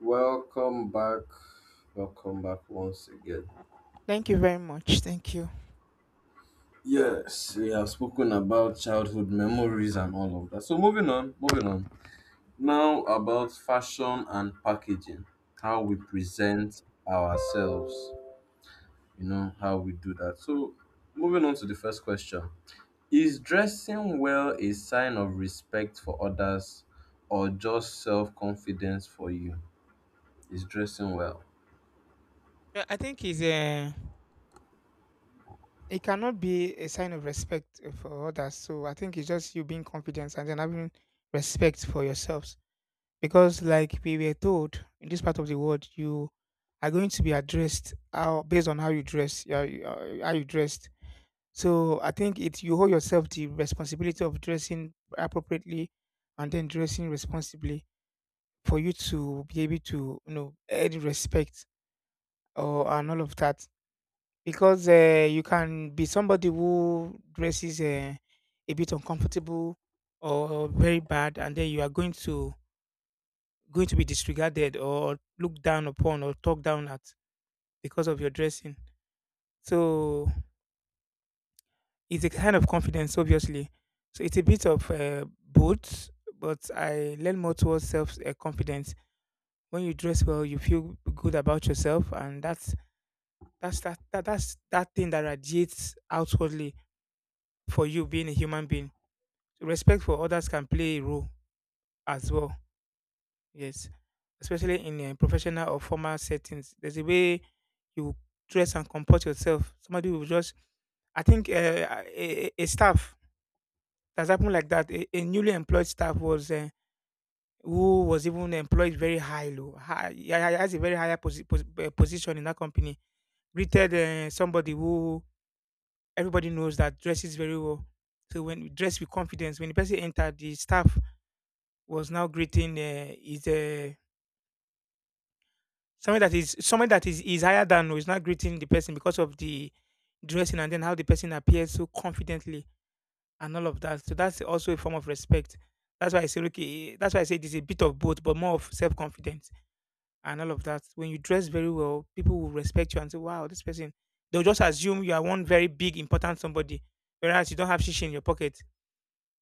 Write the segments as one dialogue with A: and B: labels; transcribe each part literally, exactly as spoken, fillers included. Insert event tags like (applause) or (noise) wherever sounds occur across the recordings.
A: Welcome back. Welcome back once again.
B: Thank you very much. Thank you.
A: Yes, we have spoken about childhood memories and all of that. So, moving on, moving on. Now, about fashion and packaging, how we present ourselves, you know, how we do that. So, moving on to the first question: is dressing well a sign of respect for others or just self confidence for you? Is dressing well?
B: Yeah, I think it's uh, it cannot be a sign of respect for others. So I think it's just you being confident and then having respect for yourselves. Because like we were told in this part of the world, you are going to be addressed how, based on how you dress, yeah, you- uh, how you dressed. So I think it you hold yourself the responsibility of dressing appropriately and then dressing responsibly for you to be able to you know earn respect or and all of that because uh, you can be somebody who dresses uh, a bit uncomfortable or very bad, and then you are going to going to be disregarded or looked down upon or talked down at because of your dressing. So it's a kind of confidence, obviously. So it's a bit of uh, both, but I learn more towards self uh, confidence. When you dress well, you feel good about yourself, and that's that's that, that that's that thing that radiates outwardly for you being a human being respect for others can play a role as well. Yes, especially in a professional or formal settings. There's a way you dress and comport yourself. Somebody will just, I think, uh, a, a a staff that's happened like that. A, a newly employed staff was uh, who was even employed very high, low, high, yeah, yeah, has a very higher posi- pos- eh, position in that company. Greeted uh, somebody who everybody knows that dresses very well. So when you dress with confidence, when the person entered, the staff was now greeting uh, is uh, somebody that is somebody that is, is higher than no, is now greeting the person because of the dressing and then how the person appears so confidently and all of that. So that's also a form of respect. That's why I say okay. That's why I say it's a bit of both, but more of self confidence and all of that. When you dress very well, people will respect you and say, "Wow, this person." They'll just assume you are one very big important somebody, whereas you don't have shish in your pocket.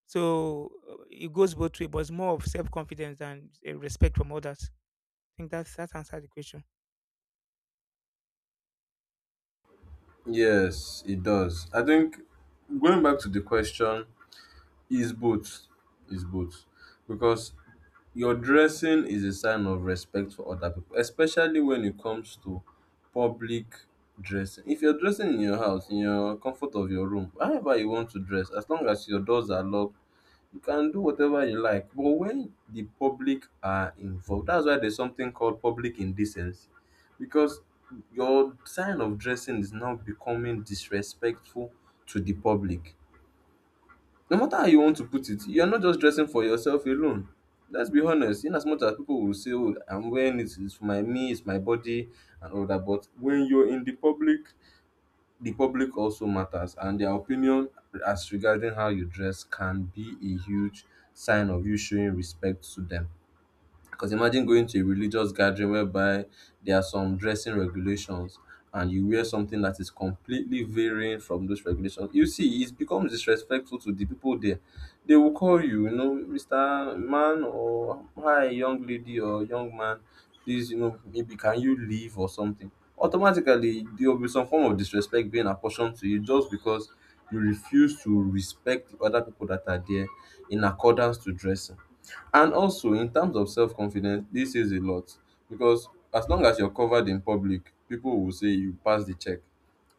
B: So uh, it goes both way, but it's more of self confidence than uh, respect from others. Think that's that answered the question.
A: Yes, it does. I think going back to the question, is both is both because your dressing is a sign of respect for other people, especially when it comes to public dressing. If you're dressing in your house, in your comfort of your room, however you want to dress, as long as your doors are locked, you can do whatever you like. But when the public are involved, that's why there's something called public indecency, because your sign of dressing is now becoming disrespectful to the public. No matter how you want to put it, you're not just dressing for yourself alone. Let's be honest, in as much as people will say, oh, I'm wearing it, it's for my me, it's my body and all that. But when you're in the public, the public also matters, and their opinion as regarding how you dress can be a huge sign of you showing respect to them. Because imagine going to a religious gathering whereby there are some dressing regulations and you wear something that is completely varying from those regulations. You see, it becomes disrespectful to the people there. They will call you, you know, mister Man, or hi, young lady or young man, please, you know, maybe can you leave or something. Automatically, there will be some form of disrespect being apportioned to you just because you refuse to respect the other people that are there in accordance to dressing. And also, in terms of self confidence, this is a lot, because as long as you're covered in public, people will say you pass the check.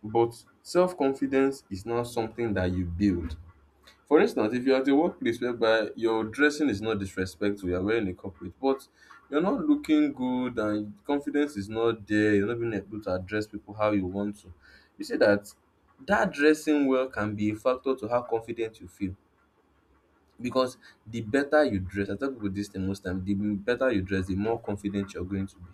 A: But self confidence is not something that you build. For instance, if you're at a workplace whereby your dressing is not disrespectful, you're wearing a corporate, but you're not looking good and confidence is not there, you're not being able to address people how you want to, you see that that dressing well can be a factor to how confident you feel. Because the better you dress, I talk about this thing most times, the better you dress, the more confident you're going to be.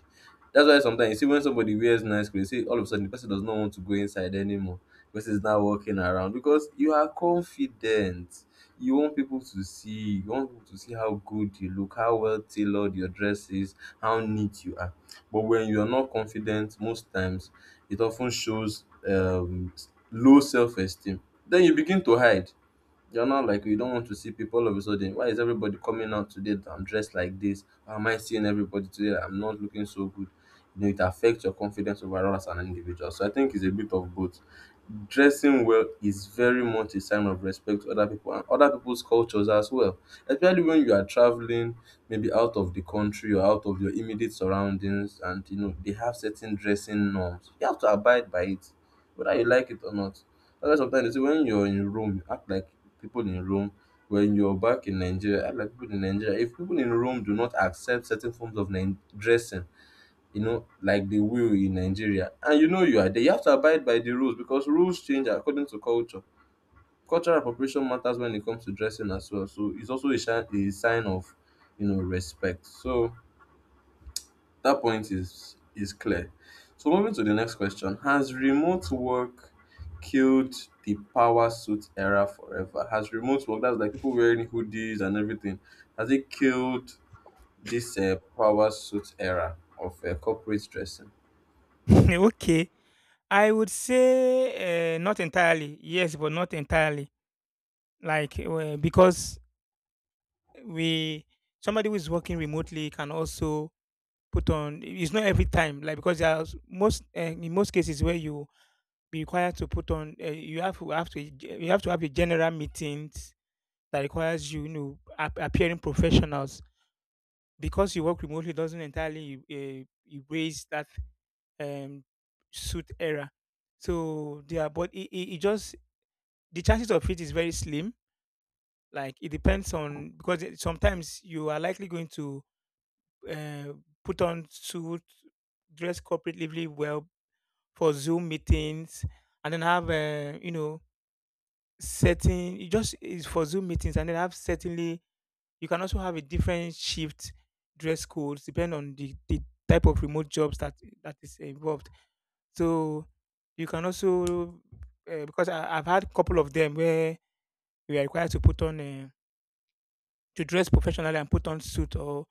A: That's why sometimes you see when somebody wears nice clothes, you see all of a sudden the person does not want to go inside anymore. The person is now walking around because you are confident. You want people to see, you want people to see how good you look, how well tailored your dress is, how neat you are. But when you're not confident, most times it often shows um, low self esteem. Then you begin to hide. You're not like, you don't want to see people all of a sudden. Why is everybody coming out today that I'm dressed like this? Why am I seeing everybody today that I'm not looking so good? You know, it affects your confidence overall as an individual. So I think it's a bit of both. Dressing well is very much a sign of respect to other people and other people's cultures as well, especially when you are traveling maybe out of the country or out of your immediate surroundings, and you know they have certain dressing norms. You have to abide by it, whether you like it or not. That's sometimes, you see, when you're in Rome, you act like people in Rome. When you're back in Nigeria, act like people in Nigeria. If people in Rome do not accept certain forms of Nin- dressing, you know, like the will in Nigeria. And you know you are there. You have to abide by the rules, because rules change according to culture. Cultural appropriation matters when it comes to dressing as well. So it's also a, shi- a sign of, you know, respect. So that point is is clear. So moving to the next question: has remote work killed the power suit era forever? Has remote work, that's like people wearing hoodies and everything, has it killed this uh, power suit era of uh, corporate dressing?
B: (laughs) Okay, I would say uh, not entirely. Yes, but not entirely. Like uh, because we somebody who is working remotely can also put on. It's not every time. Like because there are s- most uh, in most cases where you be required to put on. Uh, you have to have to you have to have a general meetings that requires you, you know ap- appearing professionals. Because you work remotely doesn't entirely uh, erase that um, suit era. So yeah, but it, it, it just the chances of it is very slim. Like it depends on because it, sometimes you are likely going to uh, put on suit, dress corporately well for Zoom meetings, and then have uh, you know certain. It just is for Zoom meetings, and then have certainly You can also have a different shift dress codes depending on the, the type of remote jobs that that is involved. So you can also uh, because I, I've had a couple of them where we are required to put on uh, to dress professionally and put on suit or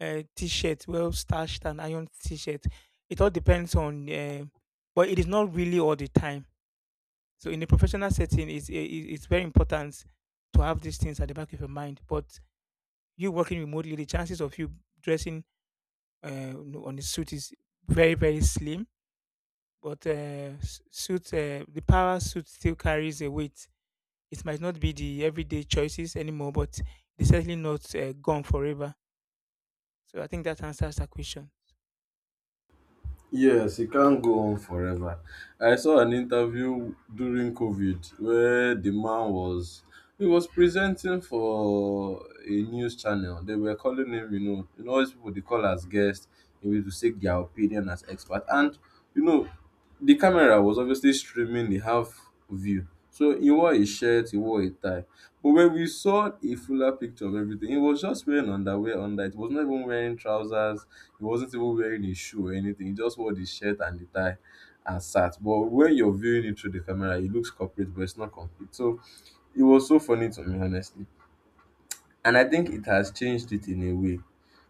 B: uh, t-shirt, well starched and iron t-shirt. It all depends on, uh, but it is not really all the time. So in a professional setting, it's eh, it- it's very important to have these things at the back of your mind. But you working remotely, the chances of you dressing uh, no, on the suit is very very slim but uh, s- suit uh, the power suit still carries a weight it might not be the everyday choices anymore but it's certainly not uh, gone forever so I think that answers that question.
A: Yes, it can't go on forever. I saw an interview during COVID where the man was he was presenting for a news channel. They were calling him, you know, you know, all these people they call as guests, you know, to seek their opinion as expert. And you know, the camera was obviously streaming the half view. So he wore a shirt, he wore a tie. But when we saw a fuller picture of everything, he was just wearing underwear under it. He was not even wearing trousers, he wasn't even wearing a shoe or anything. He just wore the shirt and the tie and sat. But when you're viewing it through the camera, it looks corporate, but it's not complete. So it was so funny to me, honestly. And I think it has changed it in a way,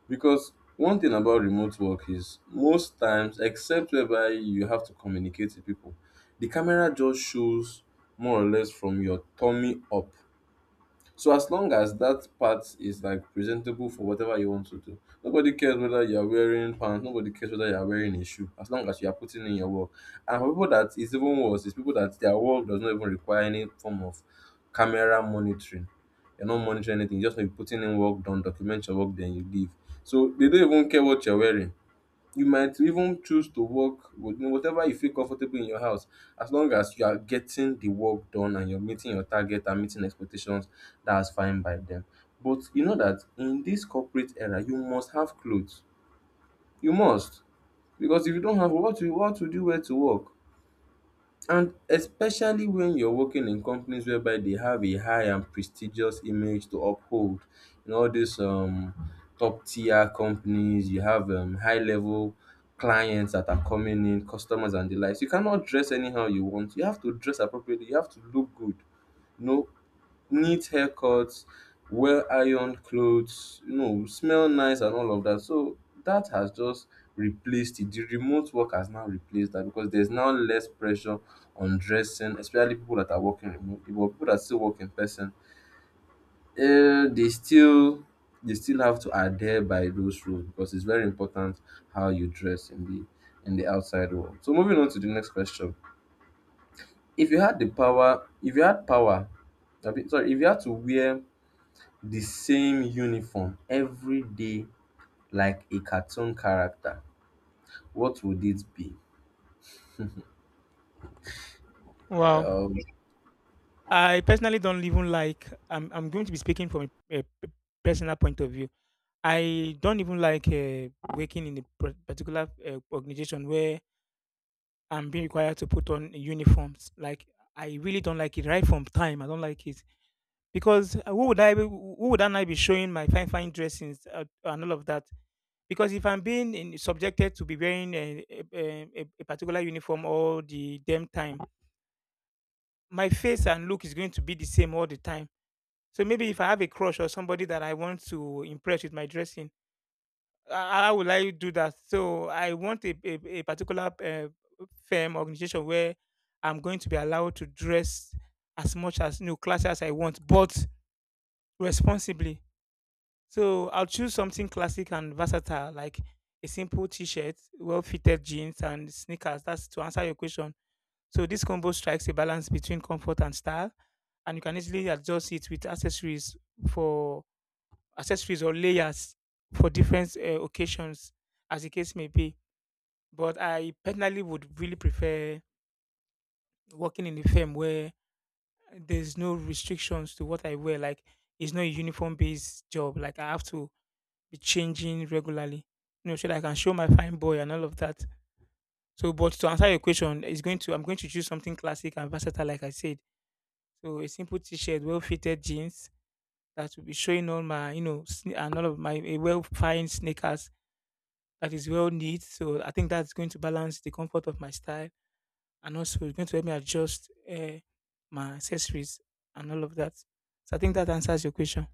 A: because one thing about remote work is most times, except whereby you have to communicate with people, the camera just shows more or less from your tummy up. So as long as that part is like presentable for whatever you want to do, nobody cares whether you are wearing pants, nobody cares whether you are wearing a shoe, as long as you are putting in your work. And for people that is even worse, is people that their work does not even require any form of camera monitoring. You're not monitoring anything, you just maybe putting in work done, document your work, then you leave. So they don't even care what you're wearing. You might even choose to work with whatever you feel comfortable in your house, as long as you are getting the work done and you're meeting your target and meeting expectations, that's fine by them. But you know that in this corporate era, you must have clothes. You must. Because if you don't have, what you what would you wear to work? And especially when you're working in companies whereby they have a high and prestigious image to uphold. In all these um, top tier companies, you have um, high level clients that are coming in, customers and the likes. You cannot dress anyhow you want. You have to dress appropriately. You have to look good. No, neat haircuts, wear ironed clothes, you know, smell nice and all of that. So that has just replaced it. The remote work has now replaced that, because there's now less pressure on dressing, especially people that are working remotely. But people that still work in person, uh, they still they still have to adhere by those rules, because it's very important how you dress in the in the outside world. So moving on to the next question. If you had the power, if you had power, I mean, sorry, If you had to wear the same uniform every day like a cartoon character, what would it be?
B: Wow,
A: Um,
B: I personally don't even like i'm, I'm going to be speaking from a, a p- personal point of view I don't even like uh, working in a par- particular uh, organization where I'm being required to put on uniforms like I really don't like it right from time I don't like it because uh, who would I be, who would I be showing my fine fine dressings uh, and all of that? Because if I'm being in, subjected to be wearing a, a, a, a particular uniform all the damn time, my face and look is going to be the same all the time. So maybe if I have a crush or somebody that I want to impress with my dressing, uh, how will I do that? So I want a, a, a particular uh, firm organization where I'm going to be allowed to dress as much as new class as I want, but responsibly So I'll choose something classic and versatile, like a simple t-shirt, well-fitted jeans, and sneakers. That's to answer your question. So this combo strikes a balance between comfort and style, and you can easily adjust it with accessories for accessories or layers for different uh, occasions, as the case may be. But I personally would really prefer working in a firm where there's no restrictions to what I wear. Like it's not a uniform-based job. Like I have to be changing regularly, you know, so that I can show my fine boy and all of that. So, but to answer your question, it's going to I'm going to choose something classic and versatile, like I said. So, a simple T-shirt, well-fitted jeans that will be showing all my, you know, sne- and all of my a well-fine sneakers that is well knit. So, I think that's going to balance the comfort of my style and also it's going to help me adjust uh, my accessories and all of that. So, I think that answers your question.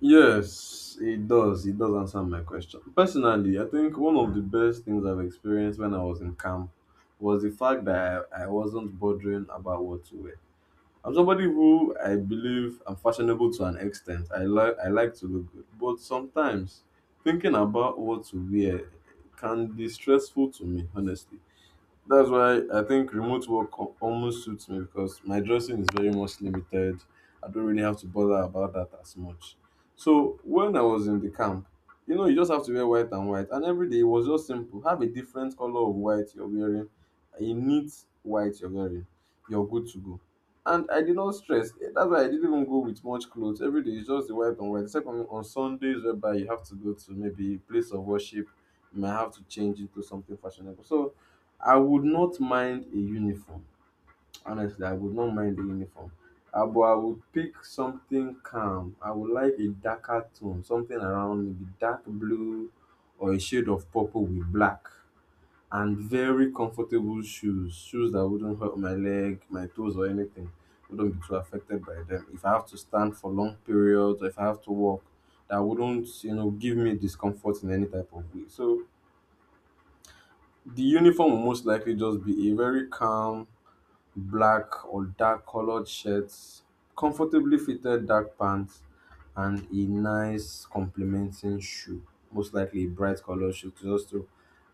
A: Yes, it does. It does answer my question. Personally, I think one of the best things I've experienced when I was in camp was the fact that I, I wasn't bothering about what to wear. I'm somebody who, I believe I'm fashionable to an extent. I like I like to look good, but sometimes thinking about what to wear can be stressful to me, honestly. That's why I think remote work al- almost suits me, because my dressing is very much limited. I don't really have to bother about that as much. So when I was in the camp, you know, you just have to wear white and white, and every day it was just simple. Have a different color of white you're wearing, a neat white you're wearing. You're good to go. And I did not stress. Eh, that's why I didn't even go with much clothes. Every day it's just the white and white. Except on on Sundays, whereby you have to go to maybe a place of worship, you might have to change into something fashionable. So I would not mind a uniform. Honestly, I would not mind a uniform. Uh, but I would pick something calm. I would like a darker tone, something around maybe dark blue or a shade of purple with black. And very comfortable shoes, shoes that wouldn't hurt my leg, my toes, or anything. Wouldn't be too affected by them. If I have to stand for long periods, or if I have to walk, that wouldn't, you know, give me discomfort in any type of way. So the uniform will most likely just be a very calm, black or dark colored shirts, comfortably fitted dark pants, and a nice complementing shoe, most likely a bright colored shoe to just to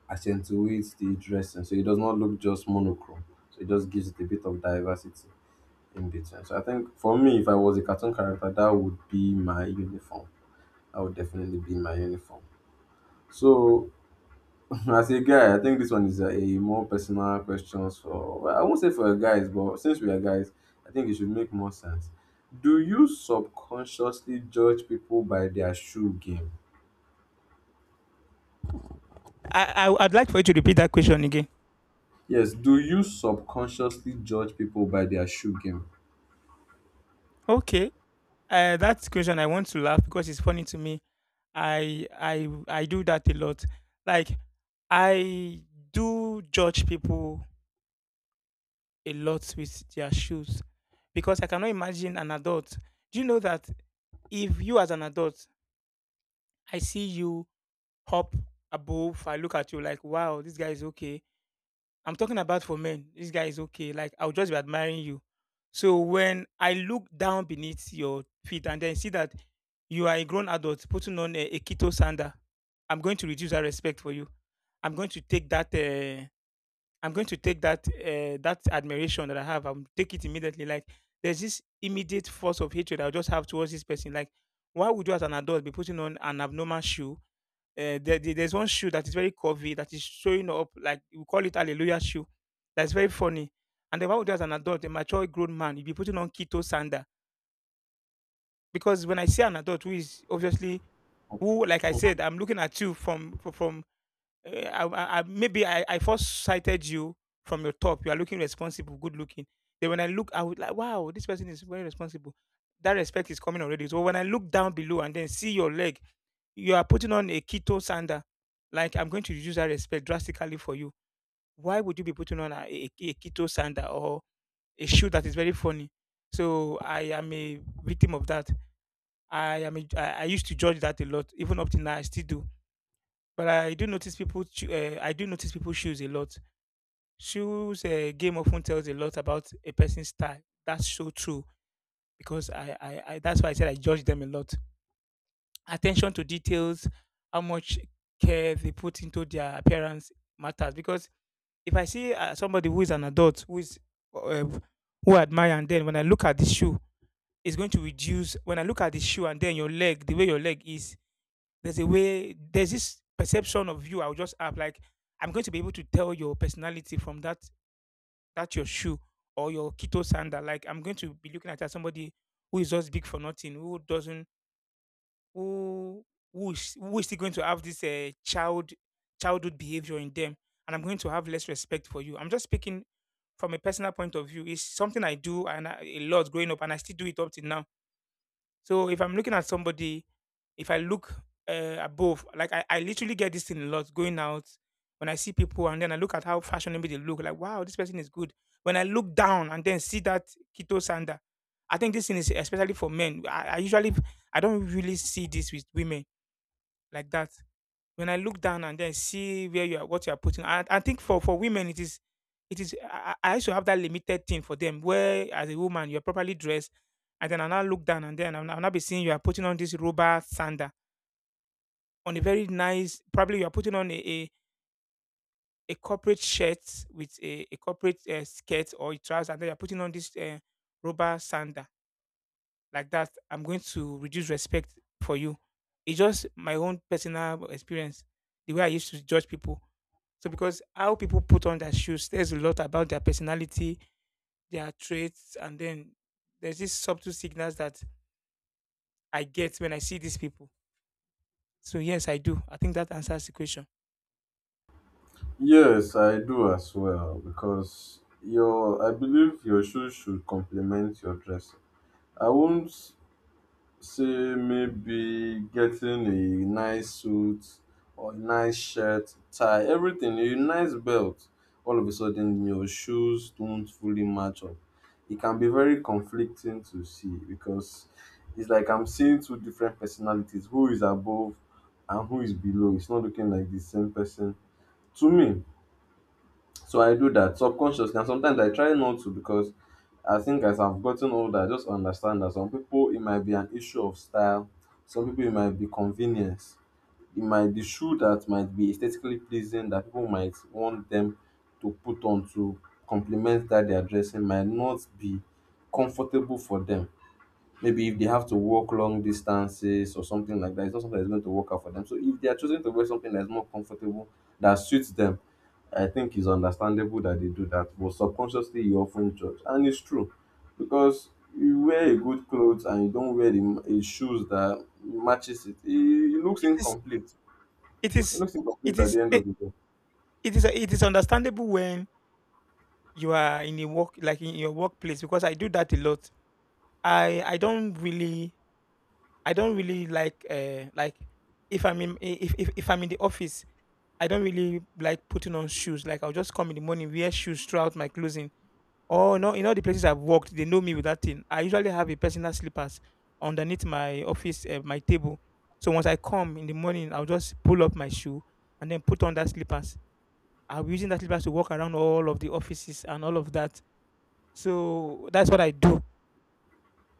A: accentuate the dressing, so it does not look just monochrome. So it just gives it a bit of diversity in between. So I think for me, if I was a cartoon character, that would be my uniform. That would definitely be my uniform. So as a guy, I think this one is a, a more personal question. For well, I won't say for guys, but since we are guys, I think it should make more sense. Do you subconsciously judge people by their shoe game?
B: I, I I'd like for you to repeat that question again.
A: Yes, do you subconsciously judge people by their shoe game?
B: Okay. Uh, that question I want to laugh because it's funny to me. I I I do that a lot. Like I do judge people a lot with their shoes because I cannot imagine an adult. Do you know that if you as an adult, I see you hop above, I look at you like, wow, this guy is okay I'm talking about for men. This guy is okay. Like I'll just be admiring you. So when I look down beneath your feet and then see that you are a grown adult putting on a, a keto sandal, I'm going to reduce that respect for you. I'm going to take that. Uh, I'm going to take that uh, that admiration that I have. I will take it immediately. Like there's this immediate force of hatred I just have towards this person. Like why would you as an adult be putting on an abnormal shoe uh, there, there- there's one shoe that is very curvy that is showing up like we call it hallelujah shoe. That's very funny. And then why would you as an adult, a mature grown man, you be putting on keto sandal? Because when I see an adult who is obviously who, like I said, I'm looking at you from from eh, I, I, I- maybe I, I first sighted you from your top. You are looking responsible, good looking. Then when I look, I would like, wow, this person is very responsible. That respect is coming already. So when I look down below and then see your leg, you are putting on a keto sandal. Like I'm going to reduce that respect drastically for you. Why would you be putting on a, a, a keto sandal or a shoe that is very funny? So I am a victim of that. I am a, I, I used to judge that a lot, even up till now I still do. But I do notice people. choo- Uh, I do notice people shoes a lot. Shoes uh, game often tells a lot about a person's style. That's so true because I, I, I that's why I said I judge them a lot. Attention to details, how much care they put into their appearance matters. Because if I see uh, somebody who is an adult who is uh, who I admire, and then when I look at the shoe, it's going to reduce. When I look at the shoe and then your leg, the way your leg is, There's a way, there's this perception of you. I'll just have like, I'm going to be able to tell your personality from that, that your shoe or your keto sandal. Like, I'm going to be looking at as somebody who is just big for nothing, who doesn't, who, who is, who is still going to have this uh, child, childhood behavior in them. And I'm going to have less respect for you. I'm just speaking from a personal point of view. It's something I do and I, a lot growing up, and I still do it up till now. So if I'm looking at somebody, if I look uh, above, like I, I literally get this thing a lot going out when I see people, and then I look at how fashionable they look, like, wow, this person is good. When I look down and then see that keto sander, I think this thing is especially for men. I, I usually, I don't really see this with women like that. When I look down and then see where you are, what you are putting, I, I think for for women it is, it is. I, I I used to have that limited thing for them, where as a woman you are properly dressed, and then I now look down and then I'll, now- I'll now be seeing you are putting on this rubber sander on a very nice. Probably you are putting on a a, a corporate shirt with a, a corporate uh, skirt or a trouser, and then you are putting on this uh, rubber sander like that. I'm going to reduce respect for you. It's just my own personal experience, the way I used to judge people. So because how people put on their shoes says a lot about their personality, their traits, and then there's these subtle signals that I get when I see these people. So yes, I do. I think that answers the question.
A: Yes, I do as well because your I believe your shoes should complement your dress. I won't say, maybe getting a nice suit or a nice shirt, tie, everything, a nice belt, all of a sudden your shoes don't fully match up. It can be very conflicting to see because it's like I'm seeing two different personalities, who is above and who is below. It's not looking like the same person to me. So I do that subconsciously, and sometimes I try not to because I think as I've gotten older, I just understand that some people, it might be an issue of style, some people it might be convenience, it might be shoe that might be aesthetically pleasing that people might want them to put on to complement that they are dressing might not be comfortable for them maybe if they have to walk long distances or something like that. It's not something that's going to work out for them. So if they are choosing to wear something that's more comfortable, that suits them, I think it's understandable that they do that. But subconsciously, you often judge, and it's true because you wear a good clothes and you don't wear the m- a shoes that matches it. It, it looks
B: It is
A: incomplete.
B: it
A: It
B: is
A: looks
B: it
A: incomplete at
B: is
A: the end
B: eh,
A: of the day.
B: it is it is understandable when you are in a work, like in your workplace, because I do that a lot. I I don't really I don't really like uh like if I'm in if if, if I'm in the office, I don't really like putting on shoes. Like I'll just come in the morning, wear shoes throughout my closing. Oh no, in all the places I've worked, they know me with that thing. I usually have a personal slippers underneath my office uh, my table. So once I come in the morning, I'll just pull up my shoe and then put on that slippers. I'll be using that slippers to walk around all of the offices and all of that. So that's what I do.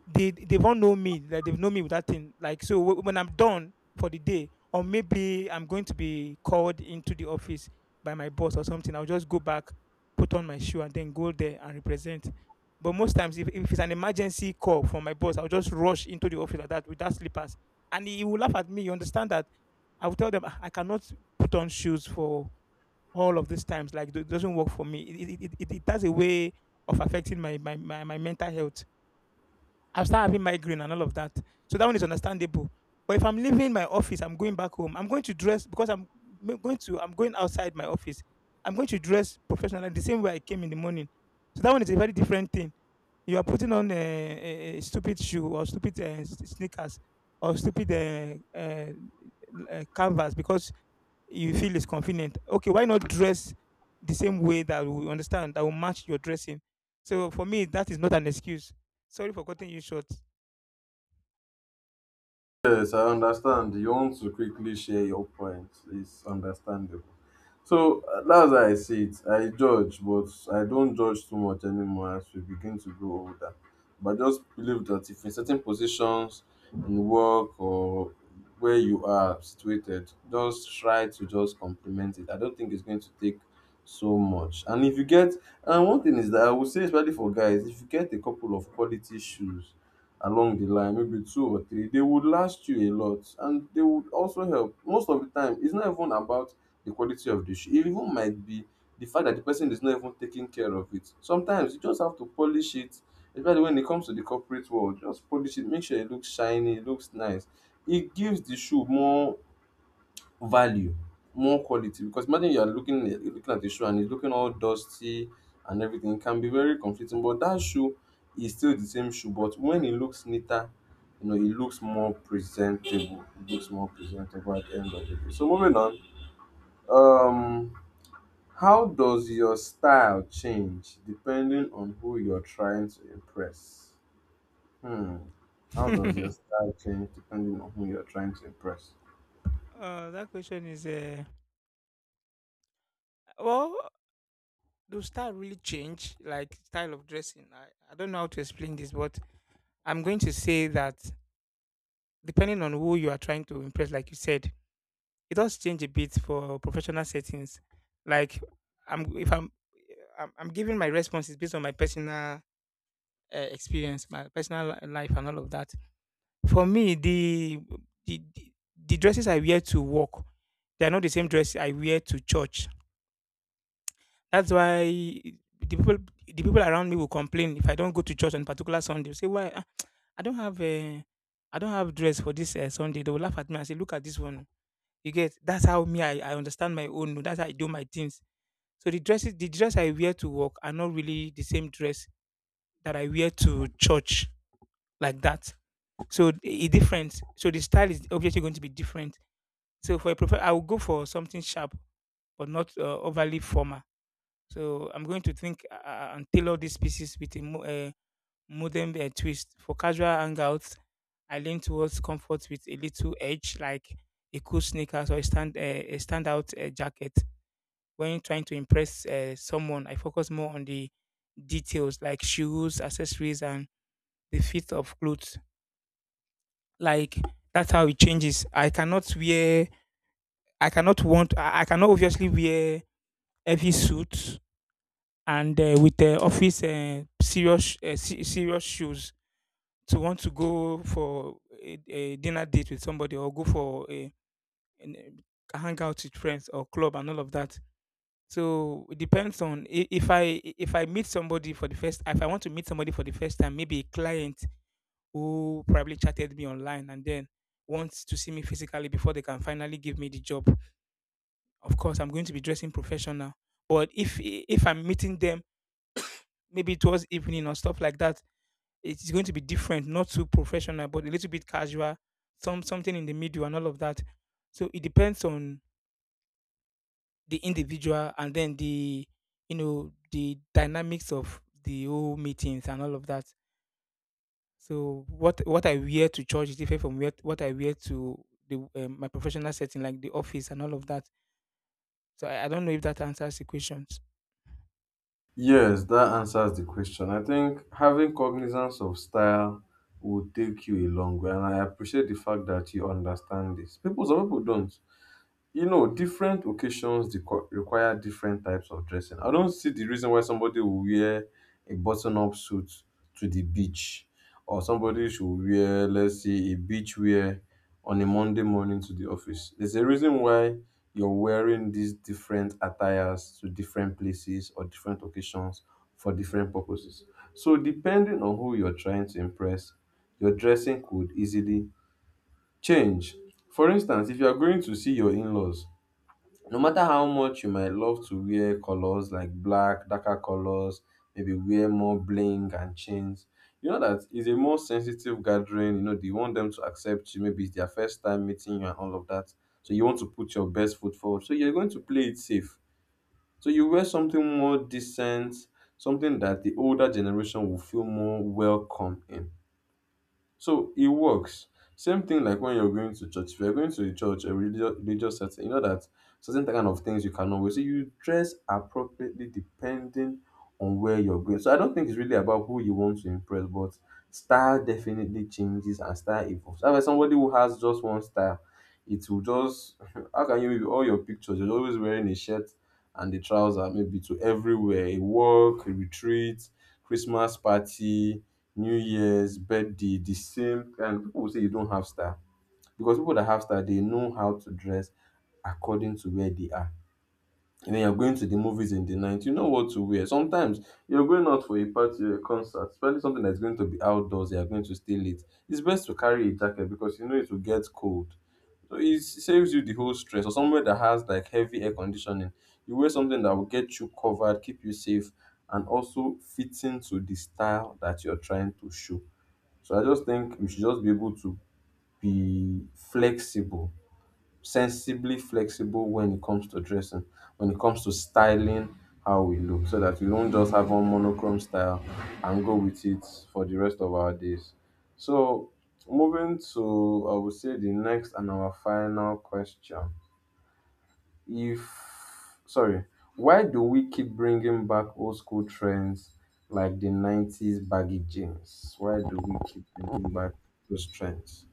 B: They they won't know me like they've known me with that thing, like, so w- when I'm done for the day or maybe I'm going to be called into the office by my boss or something, I'll just go back, put on my shoe, and then go there and represent. But most times, if, if it's an emergency call from my boss, I'll just rush into the office like that with that slippers, and he, he will laugh at me, you understand? That I will tell them, "Ah, I cannot put on shoes for all of these times, like it doesn't work for me. It, it, it, it it has a way of affecting my, my, my, my mental health. I'll start having migraine and all of that." So that one is understandable. But if I'm leaving my office, I'm going back home. I'm going to dress because I'm going to. I'm going outside my office. I'm going to dress professionally the same way I came in the morning. So that one is a very different thing. You are putting on a, a stupid shoe or stupid uh, s- sneakers or stupid uh, uh, uh, canvas because you feel it's convenient. Okay, why not dress the same way that we understand that will match your dressing? So for me, that is not an excuse. Sorry for cutting you short.
A: Yes, I understand. You want to quickly share your points. It's understandable. So uh, that's how I see it. I judge, but I don't judge too much anymore as we begin to grow older. But I just believe that if in certain positions in work or where you are situated, just try to just complement it. I don't think it's going to take so much. And if you get, and one thing is that I would say, especially for guys, if you get a couple of quality shoes along the line, maybe two or three, they would last you a lot and they would also help. Most of the time it's not even about the quality of the shoe, it even might be the fact that the person is not even taking care of it. Sometimes you just have to polish it, especially when it comes to the corporate world. Just polish it, make sure it looks shiny, it looks nice. It gives the shoe more value, more quality, because imagine you are looking looking at a shoe and it's looking all dusty and everything. It can be very conflicting, but that shoe is still the same shoe, but when it looks neater, you know it looks more presentable. It looks more presentable at the end of the day. So moving on, um how does your style change depending on who you're trying to impress? Hmm,
B: (laughs)
A: how does
B: uh,
A: your style change depending on who you're trying to impress?
B: that question is uh, well, does style really change? Like style of dressing? I, I don't know how to explain this, but I'm going to say that depending on who you are trying to impress, like you said, it does change a bit for professional settings. Like I'm if I'm I'm, I'm giving my responses based on my personal uh, experience, my personal li- life, and all of that. For me, the the the the dresses I wear to work, they are not the same dress I wear to church. That's why the people the people around me will complain if I don't go to church on particular Sunday. Say why, ah, I don't have a, I don't have dress for this uh, Sunday. They will laugh at me and say, "Look at this one." Oh. You get, that's how me. I, I understand my own. Oh, that's how I do my things. So the dresses the dress I wear to work are not really the same dress that I wear to church like that. So it different. So the style is obviously going to be different. So for a professional, I will go for something sharp but not uh, overly formal. So I'm going to think uh, uh, and tailor these pieces with a mo- uh, modern uh, twist. For casual hangouts, I lean towards comfort with a little edge, like a cool sneakers or a stand uh, a standout uh, jacket. When trying to impress uh, someone, I focus more on the details like shoes, accessories, and the fit of clothes. Like that's how it changes. I cannot wear. I cannot want. I I cannot obviously wear heavy suits and uh, with uh, office uh, serious uh, se- serious shoes to want to go for a, a dinner date with somebody or go for a, an, a hangout with friends or club and all of that. So it depends on i- if I if I meet somebody for the first if I want to meet somebody for the first time, maybe a client who probably chatted me online and then wants to see me physically before they can finally give me the job. Of course, I'm going to be dressing professional. But if if I'm meeting them maybe towards evening or stuff like that, it's going to be different, not too professional, but a little bit casual, some something in the middle and all of that. So it depends on the individual, and then the, you know, the dynamics of the whole meetings and all of that. So what what I wear to church is different from where, what I wear to the um, my professional setting, like the office and all of that. So I, I don't know if that answers the questions.
A: Yes, that answers the question. I think having cognizance of style will take you a long way, and I appreciate the fact that you understand this. People, some people don't, you know, different occasions requ- require different types of dressing. I don't see the reason why somebody will wear a button-up suit to the beach, or somebody should wear, let's say, a beach wear on a Monday morning to the office. There's a reason why you're wearing these different attires to different places or different occasions for different purposes. So, depending on who you're trying to impress, your dressing could easily change. For instance, if you are going to see your in-laws, no matter how much you might love to wear colors like black, darker colors, maybe wear more bling and chains, you know that is a more sensitive gathering. You know, they want them to accept you. Maybe it's their first time meeting you and all of that. So you want to put your best foot forward. So you're going to play it safe. So you wear something more decent, something that the older generation will feel more welcome in. So it works. Same thing like when you're going to church. If you're going to a church, a religious, religious setting, you know that certain kind of things you cannot wear. So you dress appropriately depending on where you're going. So I don't think it's really about who you want to impress, but style definitely changes and style evolves. However, somebody who has just one style, it will just (laughs) how can you, with all your pictures? You're always wearing a shirt and a trouser, maybe to everywhere, a walk, a retreat, Christmas party, New Year's, birthday, the same. And people will say you don't have style, because people that have style, they know how to dress according to where they are. And then you're going to the movies in the night, you know what to wear. Sometimes you're going out for a party or a concert, especially something that's going to be outdoors, you're going to stay late. It's best to carry a jacket because you know it will get cold. So it saves you the whole stress. Or somewhere that has like heavy air conditioning, you wear something that will get you covered, keep you safe, and also fit into the style that you're trying to show. So I just think we should just be able to be flexible, sensibly flexible when it comes to dressing, when it comes to styling how we look, so that we don't just have one monochrome style and go with it for the rest of our days. So moving to, I would say, the next and our final question, if sorry, why do we keep bringing back old school trends like the nineties baggy jeans? Why do we keep bringing back those trends?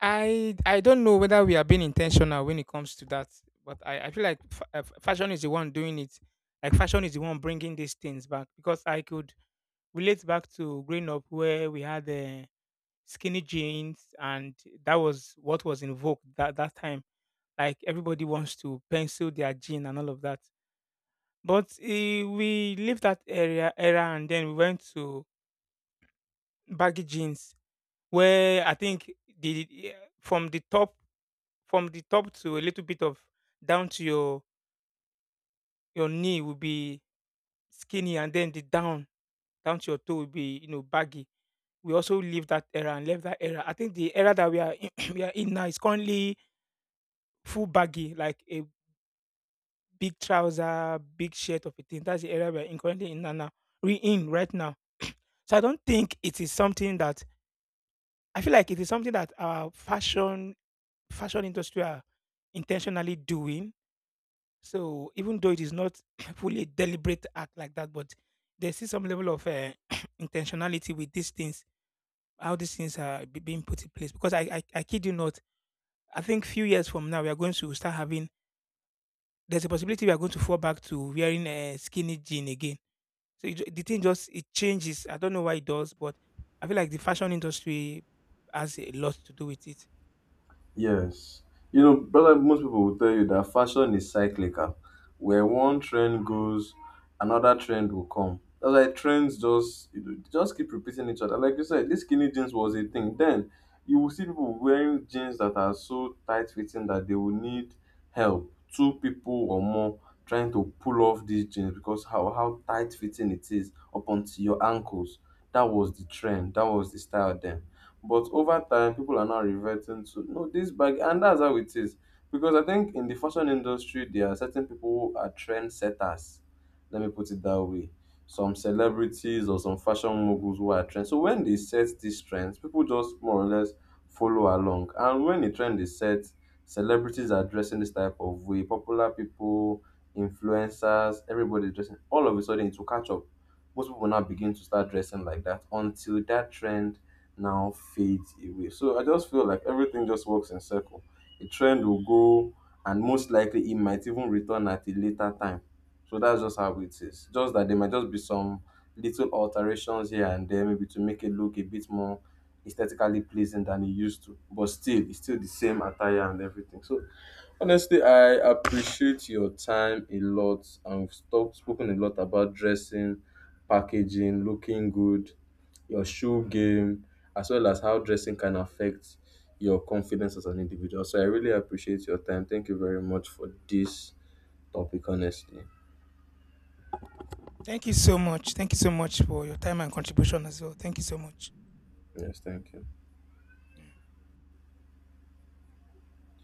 B: I I don't know whether we are being intentional when it comes to that, but I, I feel like fa- uh, f- fashion is the one doing it. Like fashion is the one bringing these things back, because I could relate back to growing up where we had uh, skinny jeans, and that was what was in vogue that that time. Like everybody wants to pencil their jean and all of that. But eh, we left that area era, and then we went to baggy jeans, where I think the eh, from the top from the top to a little bit of down to your your knee will be skinny, and then the down down to your toe will be, you know, baggy. We also leave that era and left that era. I think the era that we are in, (clears throat) we are in now is currently full baggy, like a big trouser, big shirt of a thing. That's the area we're in currently in and now. We in right now. So I don't think it is something that I feel like it is something that our fashion fashion industry are intentionally doing. So even though it is not (coughs) (clears throat) fully a deliberate act like that, but there's still some level of uh, (coughs) (clears throat) intentionality with these things, how these things are be- being put in place. Because I, I, I kid you not, I think few years from now we are going to start having. There's a possibility we are going to fall back to wearing a skinny jean again. So it, ju- the thing just it changes. I don't know why it does, but I feel like the fashion industry has a lot to do with it.
A: Yes. You know, brother, most people will tell you that fashion is cyclical. Where one trend goes, another trend will come. That's why trends just, you know, they just keep repeating each other. Like you said, this skinny jeans was a thing. Then you will see people wearing jeans that are so tight fitting that they will need help. Two people or more trying to pull off these jeans because how, how tight fitting it is up onto your ankles. That was the trend. That was the style then. But over time, people are now reverting to no this bag, and that's how it is. Because I think in the fashion industry, there are certain people who are trendsetters. Let me put it that way. Some celebrities or some fashion moguls who are trends. So when they set these trends, people just more or less follow along. And when the trend is set, celebrities are dressing this type of way. Popular people, influencers, everybody dressing. All of a sudden, it will catch up, most people now begin to start dressing like that until that trend now fades away. So I just feel like everything just works in circle. A trend will go, and most likely it might even return at a later time. So that's just how it is. Just that there might just be some little alterations here and there, maybe to make it look a bit more aesthetically pleasing than it used to. But still, it's still the same attire and everything. So honestly, I appreciate your time a lot. I've talked, spoken a lot about dressing, packaging, looking good, your shoe game, as well as how dressing can affect your confidence as an individual. So I really appreciate your time. Thank you very much for this topic, honestly.
B: Thank you so much. Thank you so much for your time and contribution as well. Thank you so much.
A: Yes, thank you.